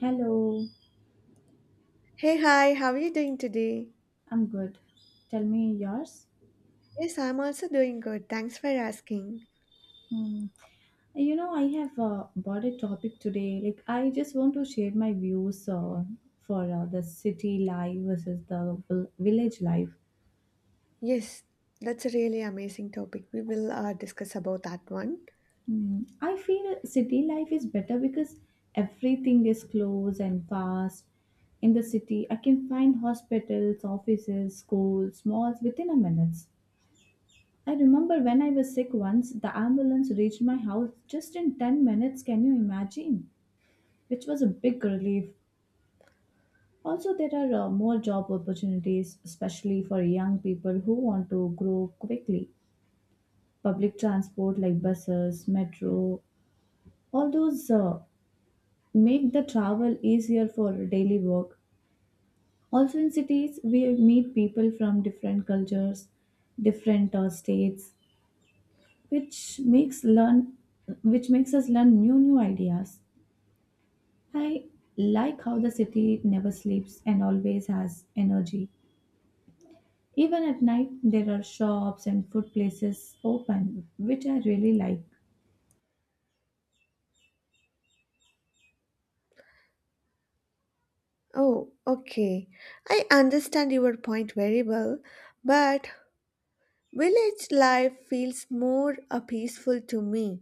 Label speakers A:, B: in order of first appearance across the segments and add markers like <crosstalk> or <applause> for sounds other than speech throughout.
A: Hello,
B: Hey, hi, how are you doing today?
A: I'm good. Tell me yours.
B: Yes, I'm also doing good. Thanks for asking.
A: Hmm. I have bought a topic today. Like, I just want to share my views for the city life versus the village life.
B: Yes, that's a really amazing topic. We will discuss about that one.
A: Hmm. I feel city life is better because everything is close and fast. In the city, I can find hospitals, offices, schools, malls within a minute. I remember when I was sick once, the ambulance reached my house just in 10 minutes. Can you imagine? Which was a big relief. Also, there are more job opportunities, especially for young people who want to grow quickly. Public transport like buses, metro, all those make the travel easier for daily work. Also, in cities, we meet people from different cultures, different states, which makes learn which makes us learn new ideas. I like how the city never sleeps and always has energy. Even at night there are shops and food places open, which I really like.
B: Oh, okay. I understand your point very well, but village life feels more peaceful to me.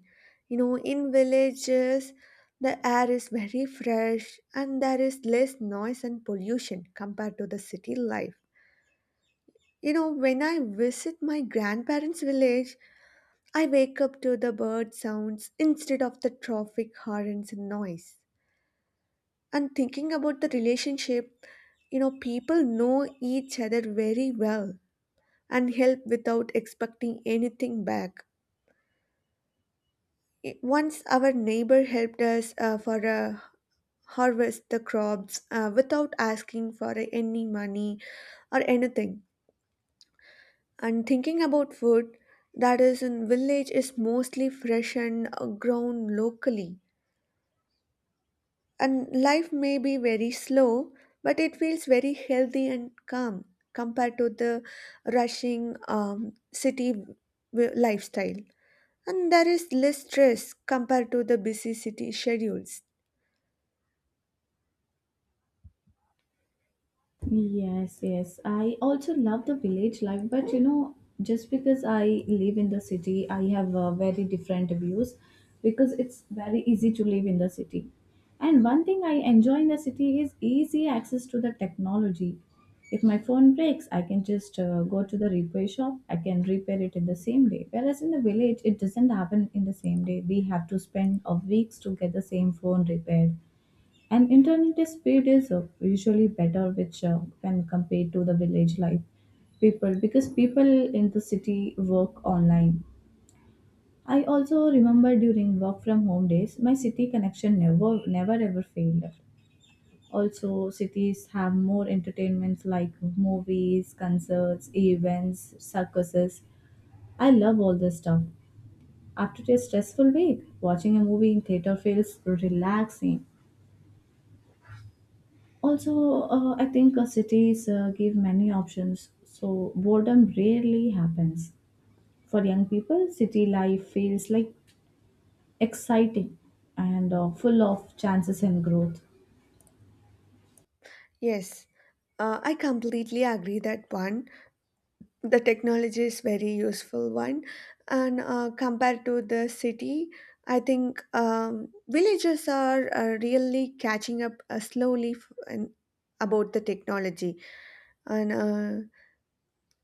B: You know, in villages, the air is very fresh and there is less noise and pollution compared to the city life. You know, when I visit my grandparents' village, I wake up to the bird sounds instead of the traffic horns and noise. And thinking about the relationship, you know, people know each other very well and help without expecting anything back. Once our neighbor helped us for a harvest the crops without asking for any money or anything. And thinking about food that is in village is mostly fresh and grown locally. And life may be very slow, but it feels very healthy and calm compared to the rushing city lifestyle. And there is less stress compared to the busy city schedules.
A: Yes, yes. I also love the village life, but just because I live in the city, I have very different views because it's very easy to live in the city. And one thing I enjoy in the city is easy access to the technology. If my phone breaks, I can just go to the repair shop. I can repair it in the same day. Whereas in the village, it doesn't happen in the same day. We have to spend weeks to get the same phone repaired, and internet speed is usually better, which when compared to the village life, people because people in the city work online. I also remember during work from home days, my city connection never never ever failed. Also, cities have more entertainments like movies, concerts, events, circuses. I love all this stuff. After a stressful week, watching a movie in theater feels relaxing. Also, I think cities give many options, so boredom rarely happens. For young people, city life feels like exciting and full of chances and growth.
B: Yes, I completely agree that one. The technology is very useful one, and compared to the city, I think villages are really catching up slowly and about the technology and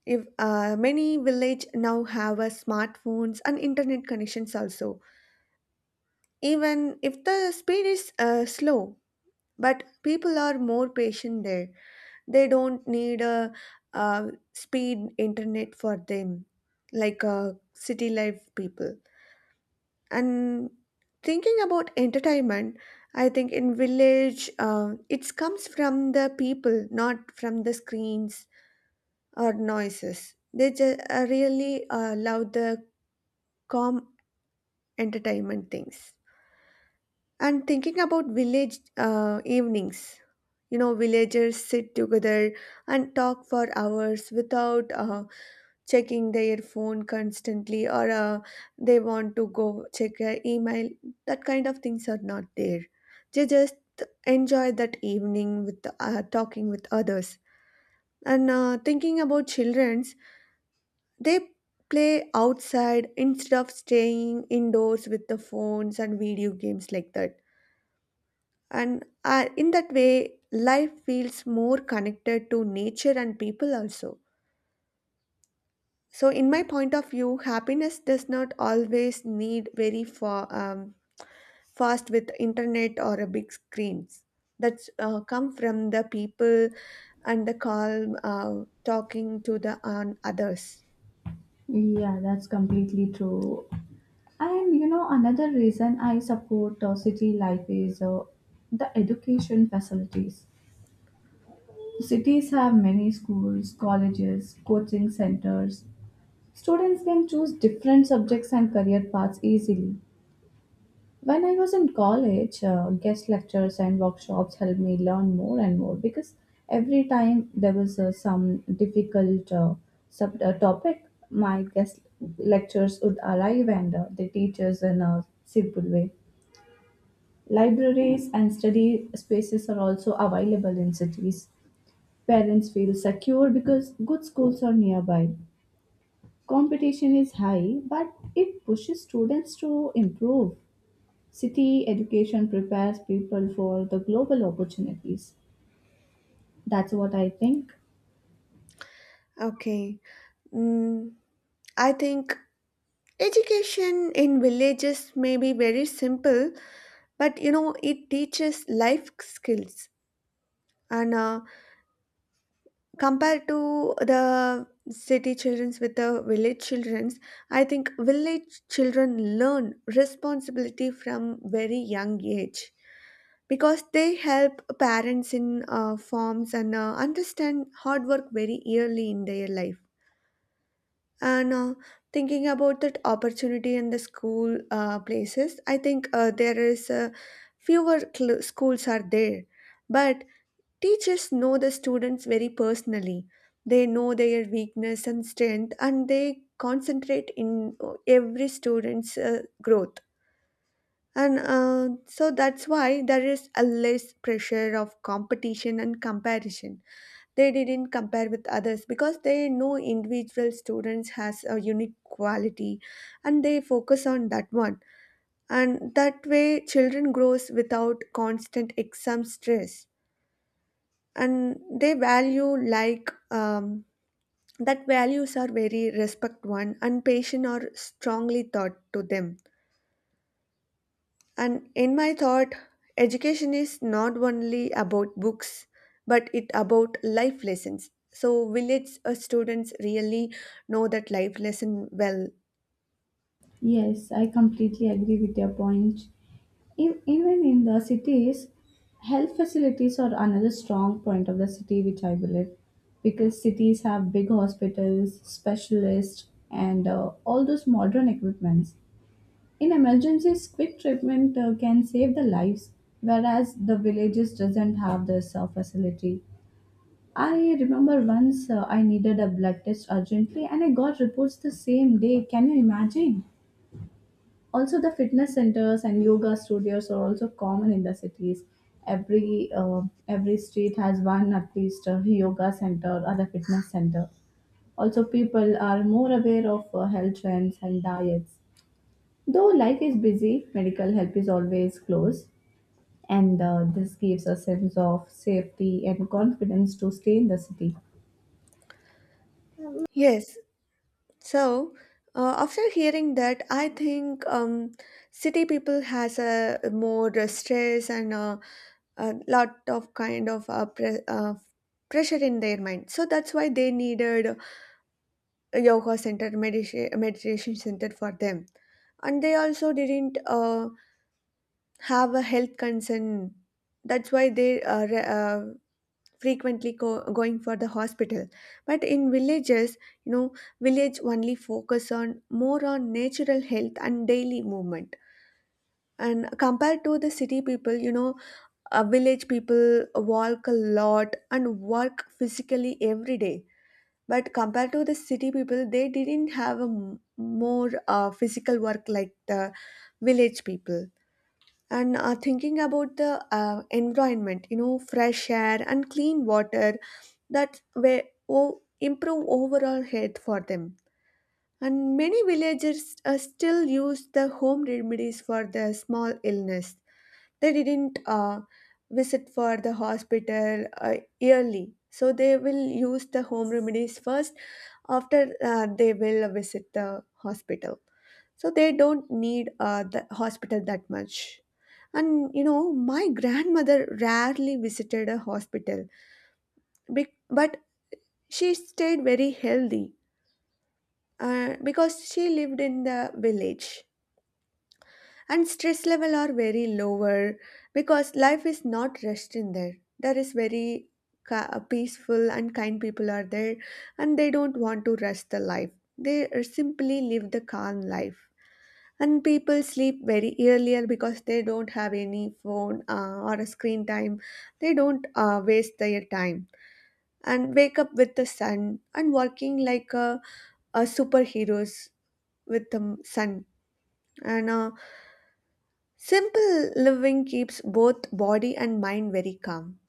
B: if many village now have smartphones and internet connections also, even if the speed is slow, but people are more patient there. They don't need a, uh speed internet for them, like city life people. And thinking about entertainment, I think in village it comes from the people, not from the screens or noises. They just really love the calm entertainment things. And thinking about village evenings, you know, villagers sit together and talk for hours without checking their phone constantly, or they want to go check their email. That kind of things are not there. They just enjoy that evening with talking with others. And thinking about children, they play outside instead of staying indoors with the phones and video games like that. And in that way, life feels more connected to nature and people also. So, in my point of view, happiness does not always need very far, fast with internet or a big screens. That's come from the people and the calm talking to the others.
A: Yeah, that's completely true. And another reason I support city life is the education facilities. Cities have many schools, colleges, coaching centers. Students can choose different subjects and career paths easily. When I was in college, guest lectures and workshops helped me learn more and more, because every time there was some difficult sub topic, my guest lectures would arrive and they teach us in a simple way. Libraries and study spaces are also available in cities. Parents feel secure because good schools are nearby. Competition is high, but it pushes students to improve. City education prepares people for the global opportunities. That's what I think.
B: Okay. Mm, I think education in villages may be very simple, but you know, it teaches life skills. And compared to the city childrens with the village childrens, I think village children learn responsibility from very young age, because they help parents in forms and understand hard work very early in their life. And thinking about that opportunity in the school places, I think there is fewer schools are there, but teachers know the students very personally. They know their weakness and strength, and they concentrate in every student's growth. And so that's why there is a less pressure of competition and comparison. They didn't compare with others, because they know individual students has a unique quality and they focus on that one, and that way children grows without constant exam stress. And they value, like that values are very respect one and patient are strongly taught to them. And in my thought, education is not only about books, but it about life lessons. So will its students really know that life lesson well?
A: Yes, I completely agree with your point. Even in the cities, health facilities are another strong point of the city, which I believe, because cities have big hospitals, specialists, and all those modern equipments. In emergencies, quick treatment can save the lives, whereas the villages doesn't have this facility. I remember once I needed a blood test urgently and I got reports the same day. Can you imagine? Also, the fitness centers and yoga studios are also common in the cities. Every uh, every street has one at least, a yoga center or a fitness center. Also, people are more aware of health trends and diets. Though life is busy, medical help is always close, and this gives a sense of safety and confidence to stay in the city.
B: Yes. So after hearing that, I think city people has a more stress and a lot of kind of pressure in their mind. So that's why they needed yoga center, meditation center for them. And they also didn't have a health concern, that's why they are frequently going for the hospital. But in villages, you know, village only focus on more on natural health and daily movement. And compared to the city people, you know, village people walk a lot and work physically every day, but compared to the city people they didn't have a more physical work like the village people. And thinking about the environment, you know, fresh air and clean water, that way improve overall health for them. And many villagers still use the home remedies for the small illness. They didn't visit for the hospital yearly, so they will use the home remedies first, after they will visit the hospital. So they don't need the hospital that much. And you know, my grandmother rarely visited a hospital, but she stayed very healthy because she lived in the village. And stress level are very lower because life is not rushed in there. There is very peaceful and kind people are there, and they don't want to rush the life. They simply live the calm life. And people sleep very earlier because they don't have any phone or a screen time. They don't waste their time and wake up with the sun and working like a superheroes with the sun. And simple living keeps both body and mind very calm.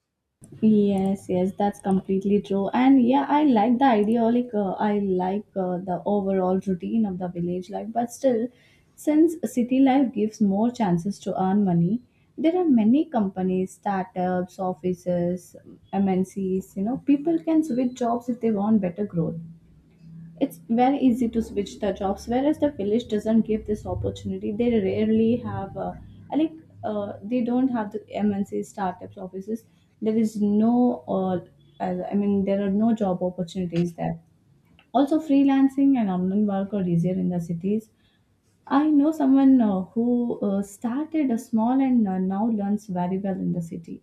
A: Yes, yes, that's completely true. And yeah, I like the idea. Like, I like the overall routine of the village life, but still, since city life gives more chances to earn money, there are many companies, startups, offices, MNCs, people can switch jobs if they want better growth. It's very easy to switch the jobs, whereas the village doesn't give this opportunity. They rarely have, I like, they don't have the MNC startups offices. There is no, I mean, there are no job opportunities there. Also, freelancing and online work are easier in the cities. I know someone who started a small and now learns very well in the city,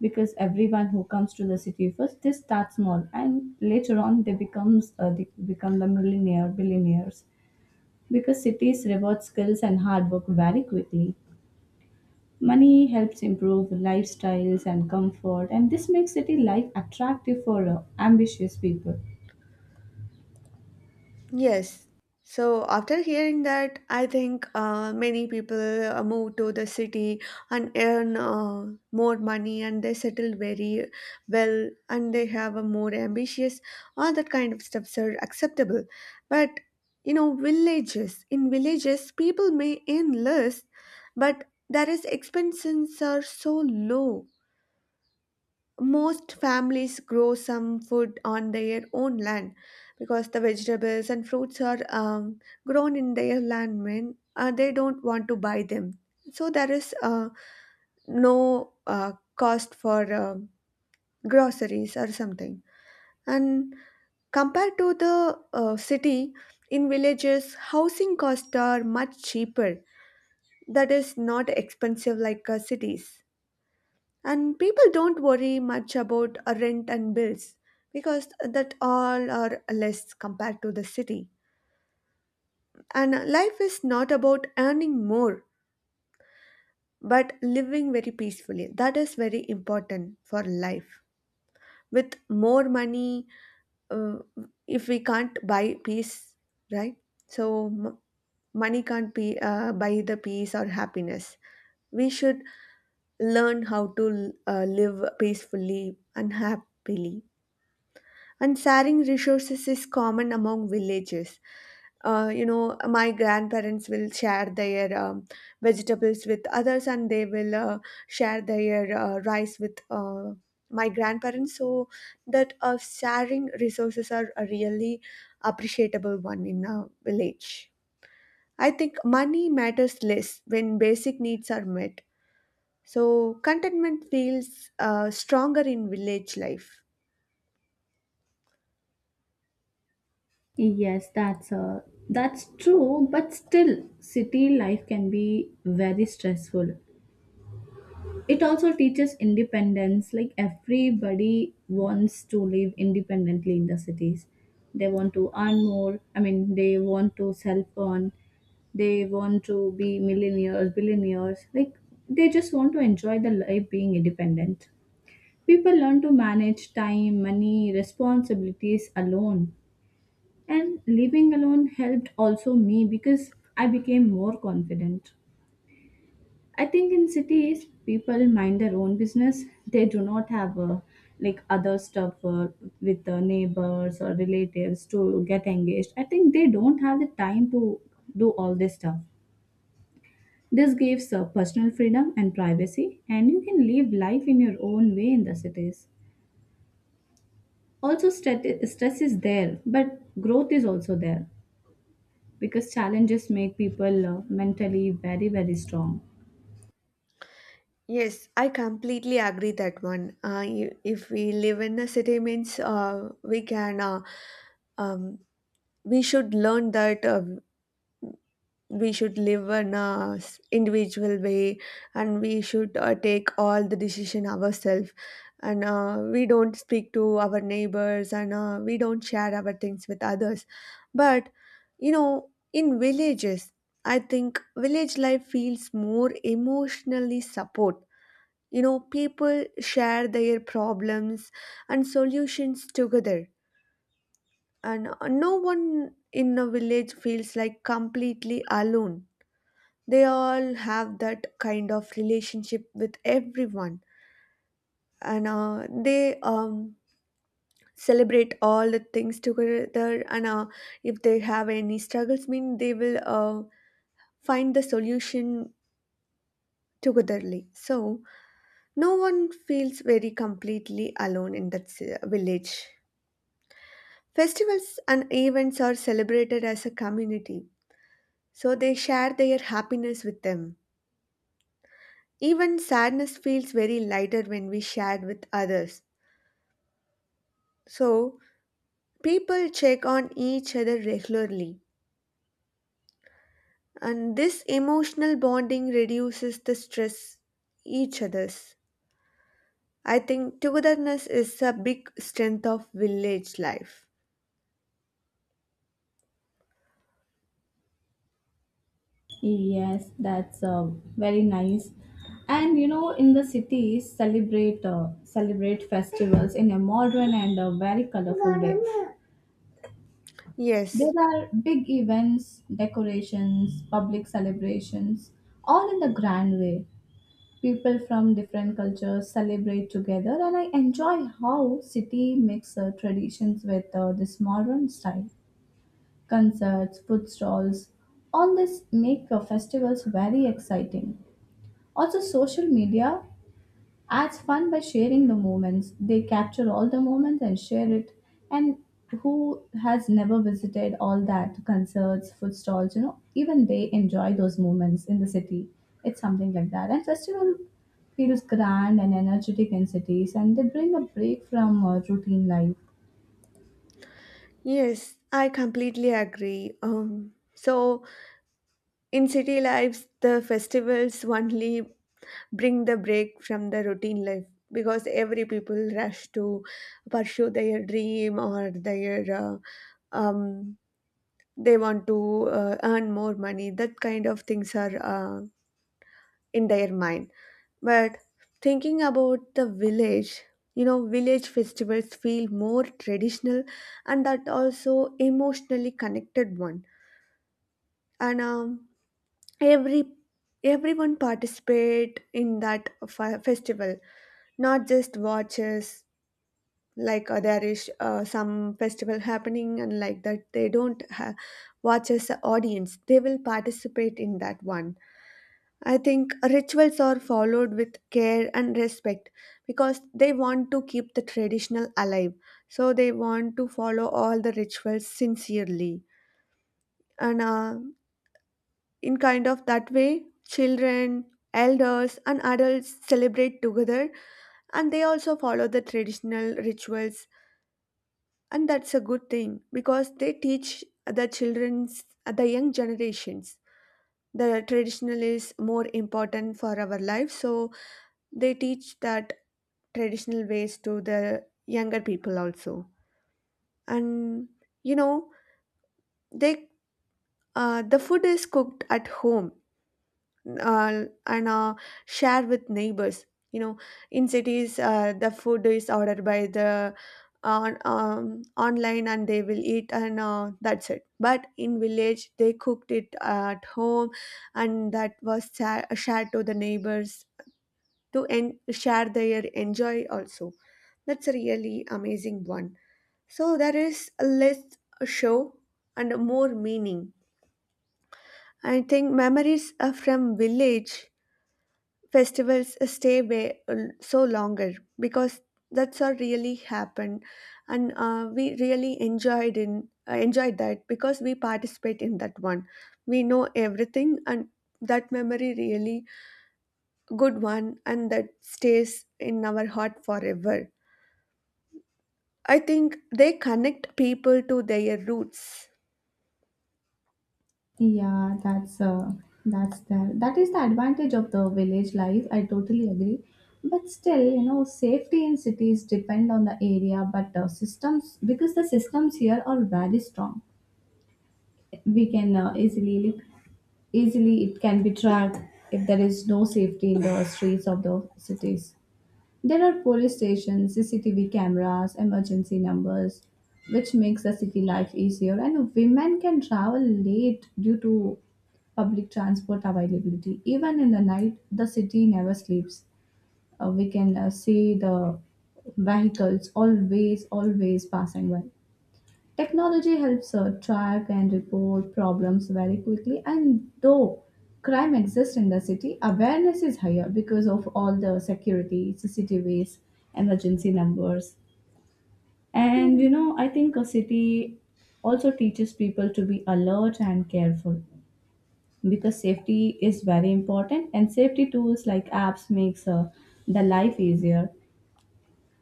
A: because everyone who comes to the city first, they start small, and later on they becomes they become the millionaire billionaires, because cities reward skills and hard work very quickly. Money helps improve lifestyles and comfort, and this makes city life attractive for ambitious people.
B: Yes. So after hearing that, I think many people move to the city and earn more money and they settle very well, and they have a more ambitious, all that kind of stuffs are acceptable. But you know, villages, in villages, people may earn less, but their expenses are so low. Most families grow some food on their own land, because the vegetables and fruits are grown in their land, when they don't want to buy them. So there is no cost for groceries or something. And compared to the city, in villages housing costs are much cheaper. That is not expensive like cities, and people don't worry much about rent and bills, because that all are less compared to the city. And life is not about earning more, but living very peacefully, that is very important for life. With more money, uh, if we can't buy peace, right? So money can't be buy the peace or happiness. We should learn how to live peacefully and happily. And sharing resources is common among villages. You know, my grandparents will share their vegetables with others, and they will share their rice with my grandparents. So that sharing resources are a really appreciable one in a village. I think money matters less when basic needs are met. So contentment feels stronger in village life.
A: Yes, that's true, but still city life can be very stressful. It also teaches independence, like everybody wants to live independently in the cities. They want to earn more, I mean they want to self earn, they want to be millionaires, billionaires, like they just want to enjoy the life being independent. People learn to manage time, money, responsibilities alone, and living alone helped also me because I became more confident. I think in cities, people mind their own business. They do not have like other stuff with the neighbors or relatives to get engaged. I think they don't have the time to do all this stuff. This gives personal freedom and privacy, and you can live life in your own way in the cities. Also, stress is there, but growth is also there, because challenges make people mentally very strong.
B: Yes, I completely agree that one. You, if we live in a city, means um, we should learn that we should live in a individual way, and we should take all the decision ourselves, and we don't speak to our neighbors, and we don't share our things with others. But you know, in villages, I think village life feels more emotionally support. You know, people share their problems and solutions together, and no one in a village feels like completely alone. They all have that kind of relationship with everyone, and they celebrate all the things together. And if they have any struggles, mean they will find the solution togetherly. So, no one feels very completely alone in that village. Festivals and events are celebrated as a community, so they share their happiness with them. Even sadness feels very lighter when we share with others. So, people check on each other regularly, and this emotional bonding reduces the stress each other's. I think togetherness is a big strength of village life.
A: Yes, that's very nice. And in the cities, celebrate festivals in a modern and a very colorful way. There
B: Yes,
A: are big events, decorations, public celebrations, all in the grand way. People from different cultures celebrate together, and I enjoy how city mix traditions with this modern style. Concerts, food stalls. All this make festivals very exciting. Also, social media adds fun by sharing the moments. They capture all the moments and share it. And who has never visited all that concerts, food stalls? Even they enjoy those moments in the city. It's something like that. And festival feels grand and energetic in cities, and they bring a break from routine life.
B: yes, I completely agree. So in city lives, the festivals only bring the break from the routine life, because every people rush to pursue their dream or their um, they want to earn more money. That kind of things are in their mind. But thinking about the village, you know, village festivals feel more traditional, and that also emotionally connected one. And every everyone participate in that festival, not just watches. Like there is some festival happening and like that they don't ha- watch as a audience, they will participate in that one. I think rituals are followed with care and respect because they want to keep the traditional alive, so they want to follow all the rituals sincerely. And in kind of that way, children, elders and adults celebrate together and they also follow the traditional rituals. And that's a good thing because they teach the children's, the young generations, the traditional is more important for our life. So they teach that traditional ways to the younger people also. And you know, they, the food is cooked at home, and share with neighbors. You know, in cities the food is ordered by the, on online, and they will eat and that's it. But in village they cooked it at home, and that was shared to the neighbors to share their enjoy also. That's a really amazing one. So there is less show and more meaning. I think memories are from village festivals, stay so longer, because that's what really happened. And we really enjoyed in enjoyed that because we participate in that one. We know everything, and that memory really good one, and that stays in our heart forever. I think they connect people to their roots.
A: Yeah, that's that. That is the advantage of the village life. I totally agree. But still, safety in cities depend on the area, but systems, because the systems here are very strong. We can easily easily it can be tracked, if there is no safety in the streets of the cities. There are police stations, CCTV cameras, emergency numbers, which makes the city life easier, and women can travel late due to public transport availability. Even in the night, the city never sleeps. We can see the vehicles always, always passing by. Technology helps track and report problems very quickly, and though crime exists in the city, awareness is higher because of all the security, CCTVs, emergency numbers. And I think a city also teaches people to be alert and careful, because safety is very important and safety tools like apps makes the life easier,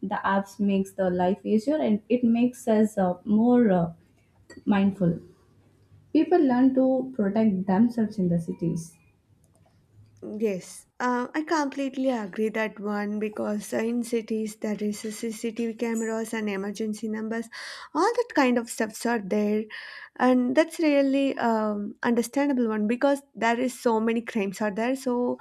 A: the apps makes the life easier, and it makes us more mindful. People learn to protect themselves in the cities.
B: Yes, I completely agree that one, because in cities there is a CCTV cameras and emergency numbers, all that kind of stuffs are there, and that's really understandable one because there is so many crimes are there. So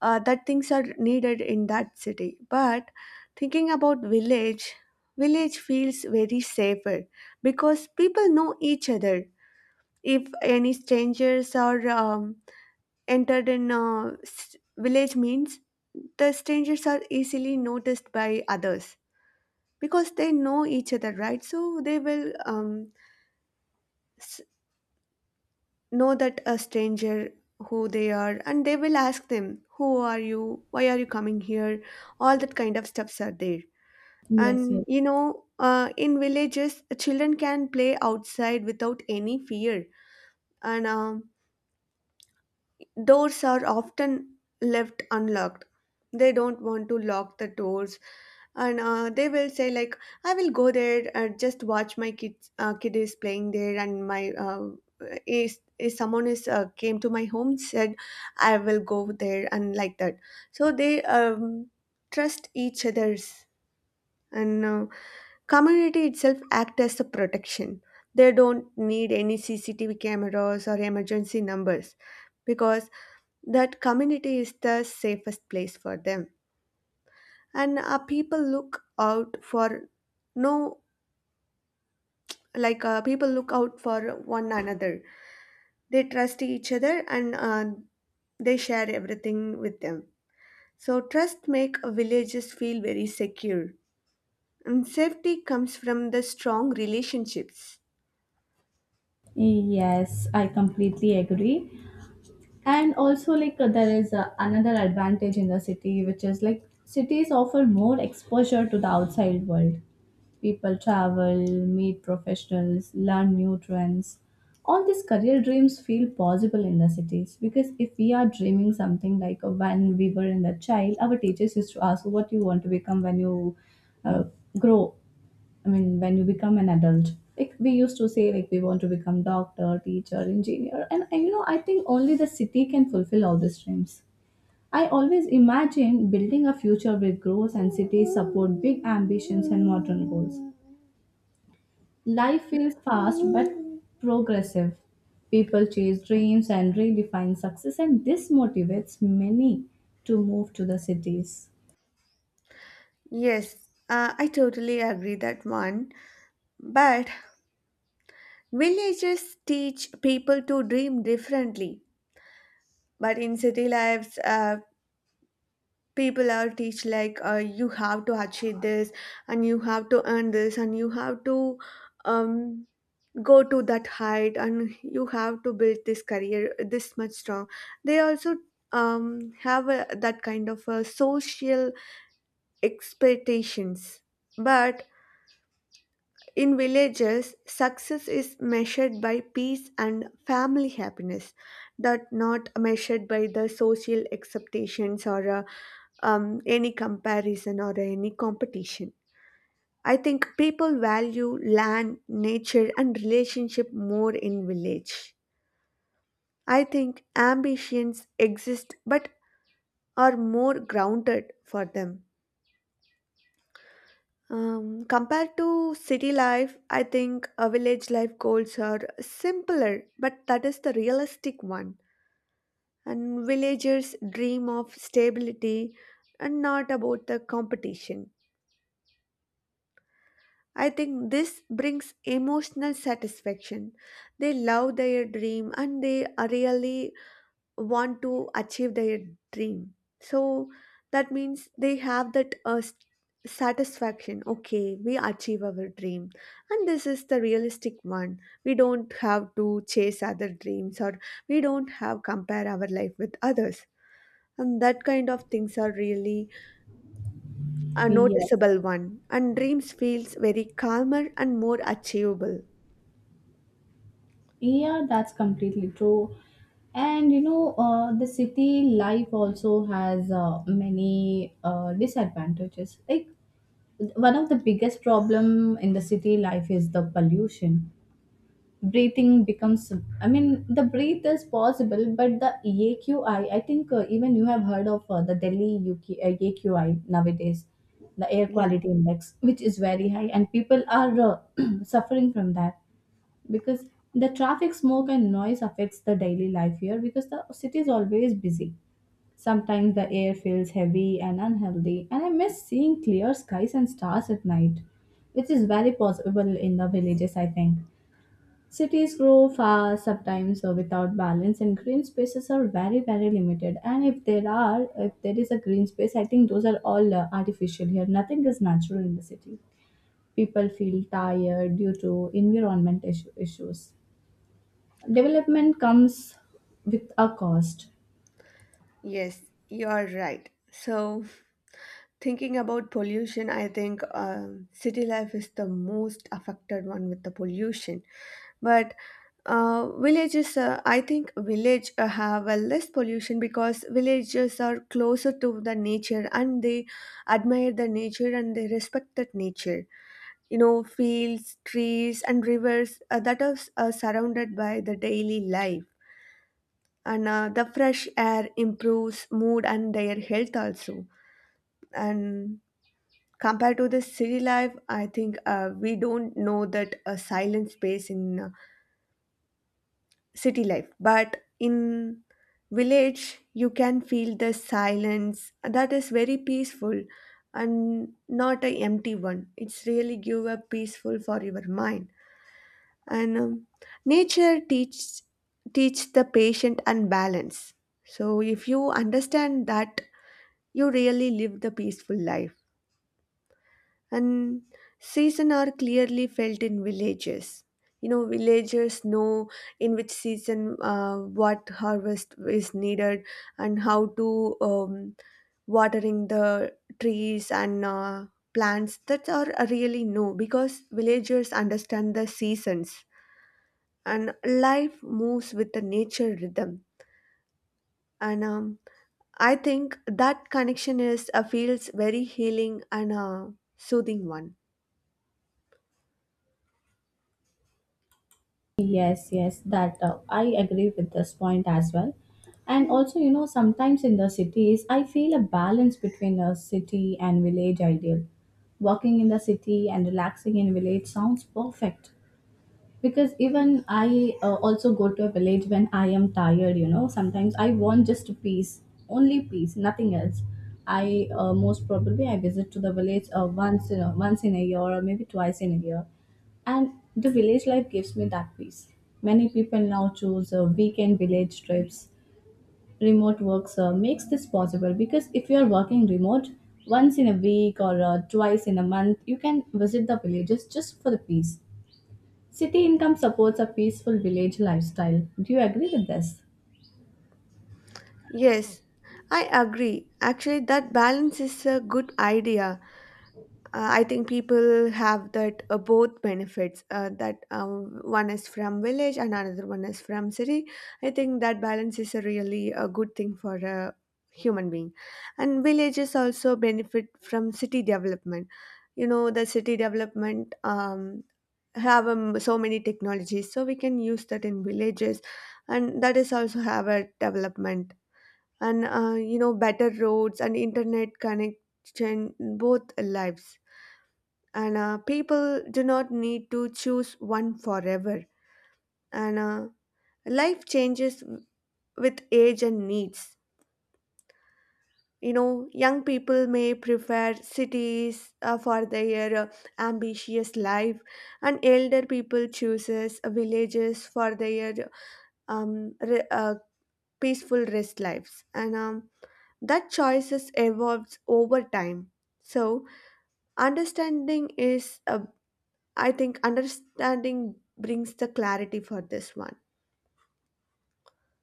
B: that things are needed in that city. But thinking about village, village feels very safer because people know each other. If any strangers or entered in a village means the strangers are easily noticed by others, because they know each other, right? So they will s- know that a stranger, who they are, and they will ask them, who are you, why are you coming here, all that kind of stuffs are there.
A: Yes,
B: And
A: yes.
B: you know, in villages children can play outside without any fear. And doors are often left unlocked. They don't want to lock the doors. And they will say like, I will go there, just watch my kids, kid is playing there, and my, is someone is came to my home, said I will go there and like that. So they trust each other's, and community itself act as a protection. They don't need any CCTV cameras or emergency numbers, because that community is the safest place for them. And people look out for, no, like people look out for one another. They trust each other and they share everything with them. So trust make villages feel very secure, and safety comes from the strong relationships.
A: Yes, I completely agree. And also, like, there is another advantage in the city, which is like cities offer more exposure to the outside world. People travel, meet professionals, learn new trends. All these career dreams feel possible in the cities, because if we are dreaming something like when we were in the child, our teachers used to ask, what you want to become when you uh, grow I mean, when you become an adult, like we used to say, like we want to become doctor, teacher, engineer, and I think only the city can fulfill all these dreams. I always imagine building a future where growth and cities support big ambitions and modern goals. Life feels fast but progressive. People chase dreams and redefine success, and this motivates many to move to the cities.
B: Yes, I totally agree that one. But villages teach people to dream differently. But in city lives, people are teach like, you have to achieve this and you have to earn this and you have to um, go to that height and you have to build this career this much strong. They also that kind of a social expectations. But in villages success is measured by peace and family happiness. That not measured by the social expectations or any comparison or any competition. I think people value land, nature, and relationship more in village. I think ambitions exist but are more grounded for them. Compared to city life, I think a village life goals are simpler, but that is the realistic one. And villagers dream of stability and not about the competition. I think this brings emotional satisfaction. They love their dream and they really want to achieve their dream. So that means they have that satisfaction. Okay, we achieve our dream. And this is the realistic one. We don't have to chase other dreams or we don't have compare our life with others. And that kind of things are really a
A: Yes.
B: noticeable one, and dreams feels very calmer and more achievable.
A: Yeah, that's completely true. And the city life also has many disadvantages. Like one of the biggest problem in the city life is the pollution. Breathing becomes, I mean, the breathe is possible, but the AQI, I think even you have heard of the Delhi UK, AQI nowadays, the air
B: Yes,
A: quality index, which is very high, and people are <clears throat> suffering from that, because the traffic smoke and noise affects the daily life here, because the city is always busy. Sometimes the air feels heavy and unhealthy, and I miss seeing clear skies and stars at night, which is very possible in the villages. I think cities grow fast sometimes without balance, and green spaces are very limited, and if there is a green space, I think those are all artificial here, nothing is natural in the city. People feel tired due to environment issues. Development comes with a cost.
B: yes, you're right. So, thinking about pollution, I think city life is the most affected one with the pollution. But villages, I think village have a less pollution because villages are closer to the nature and they admire the nature and they respect that nature. You know, fields, trees and rivers, that are surrounded by the daily life. And the fresh air improves mood and their health also. And compared to the city life, I think we don't know that a silent space in city life, but in village you can feel the silence that is very peaceful. And not a empty one, it's really give a peaceful for your mind. And nature teach the patient and balance. So if you understand that, you really live the peaceful life. And season are clearly felt in villages. You know, villagers know in which season, what harvest is needed and how to watering the trees and plants. That are really know because villagers understand the seasons. And life moves with the nature rhythm. And I think that connection is, feels very healing and soothing one.
A: Yes, yes, that I agree with this point as well. And also sometimes in the cities I feel a balance between a city and village ideal. Walking in the city and relaxing in village sounds perfect, because even I also go to a village when I am tired. Sometimes I want just peace, only peace, nothing else. I most probably I visit to the village once in a year or maybe twice in a year. And the village life gives me that peace. Many people now choose weekend village trips. Remote works makes this possible, because if you are working remote, once in a week or twice in a month you can visit the villages just for the peace. City income supports a peaceful village lifestyle. Do you agree with this?
B: Yes, I agree. Actually, that balance is a good idea. I think people have that, both benefits. That One is from village and another one is from city. I think that balance is a really a good thing for a human being, and villages also benefit from city development. You know, the city development have so many technologies, so we can use that in villages, and that is also have a development. And you know, better roads and internet connection both lives. And people do not need to choose one forever. And life changes with age and needs. You know, young people may prefer cities for their ambitious life, and elder people chooses villages for their um, re- uh, peaceful rest lives. And that choices evolves over time. So understanding is, understanding brings the clarity for this one.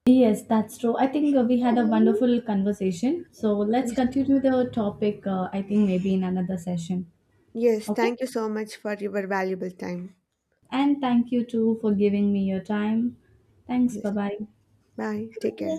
A: Yes, that's true. I think we had a wonderful conversation. So let's
B: Yes.
A: continue the topic, I think maybe in another session.
B: Yes,
A: Okay?
B: thank you so much for your valuable time.
A: And thank you too for giving me your time. Thanks. Bye
B: Yes,
A: bye.
B: bye. Take
A: Yeah,
B: care.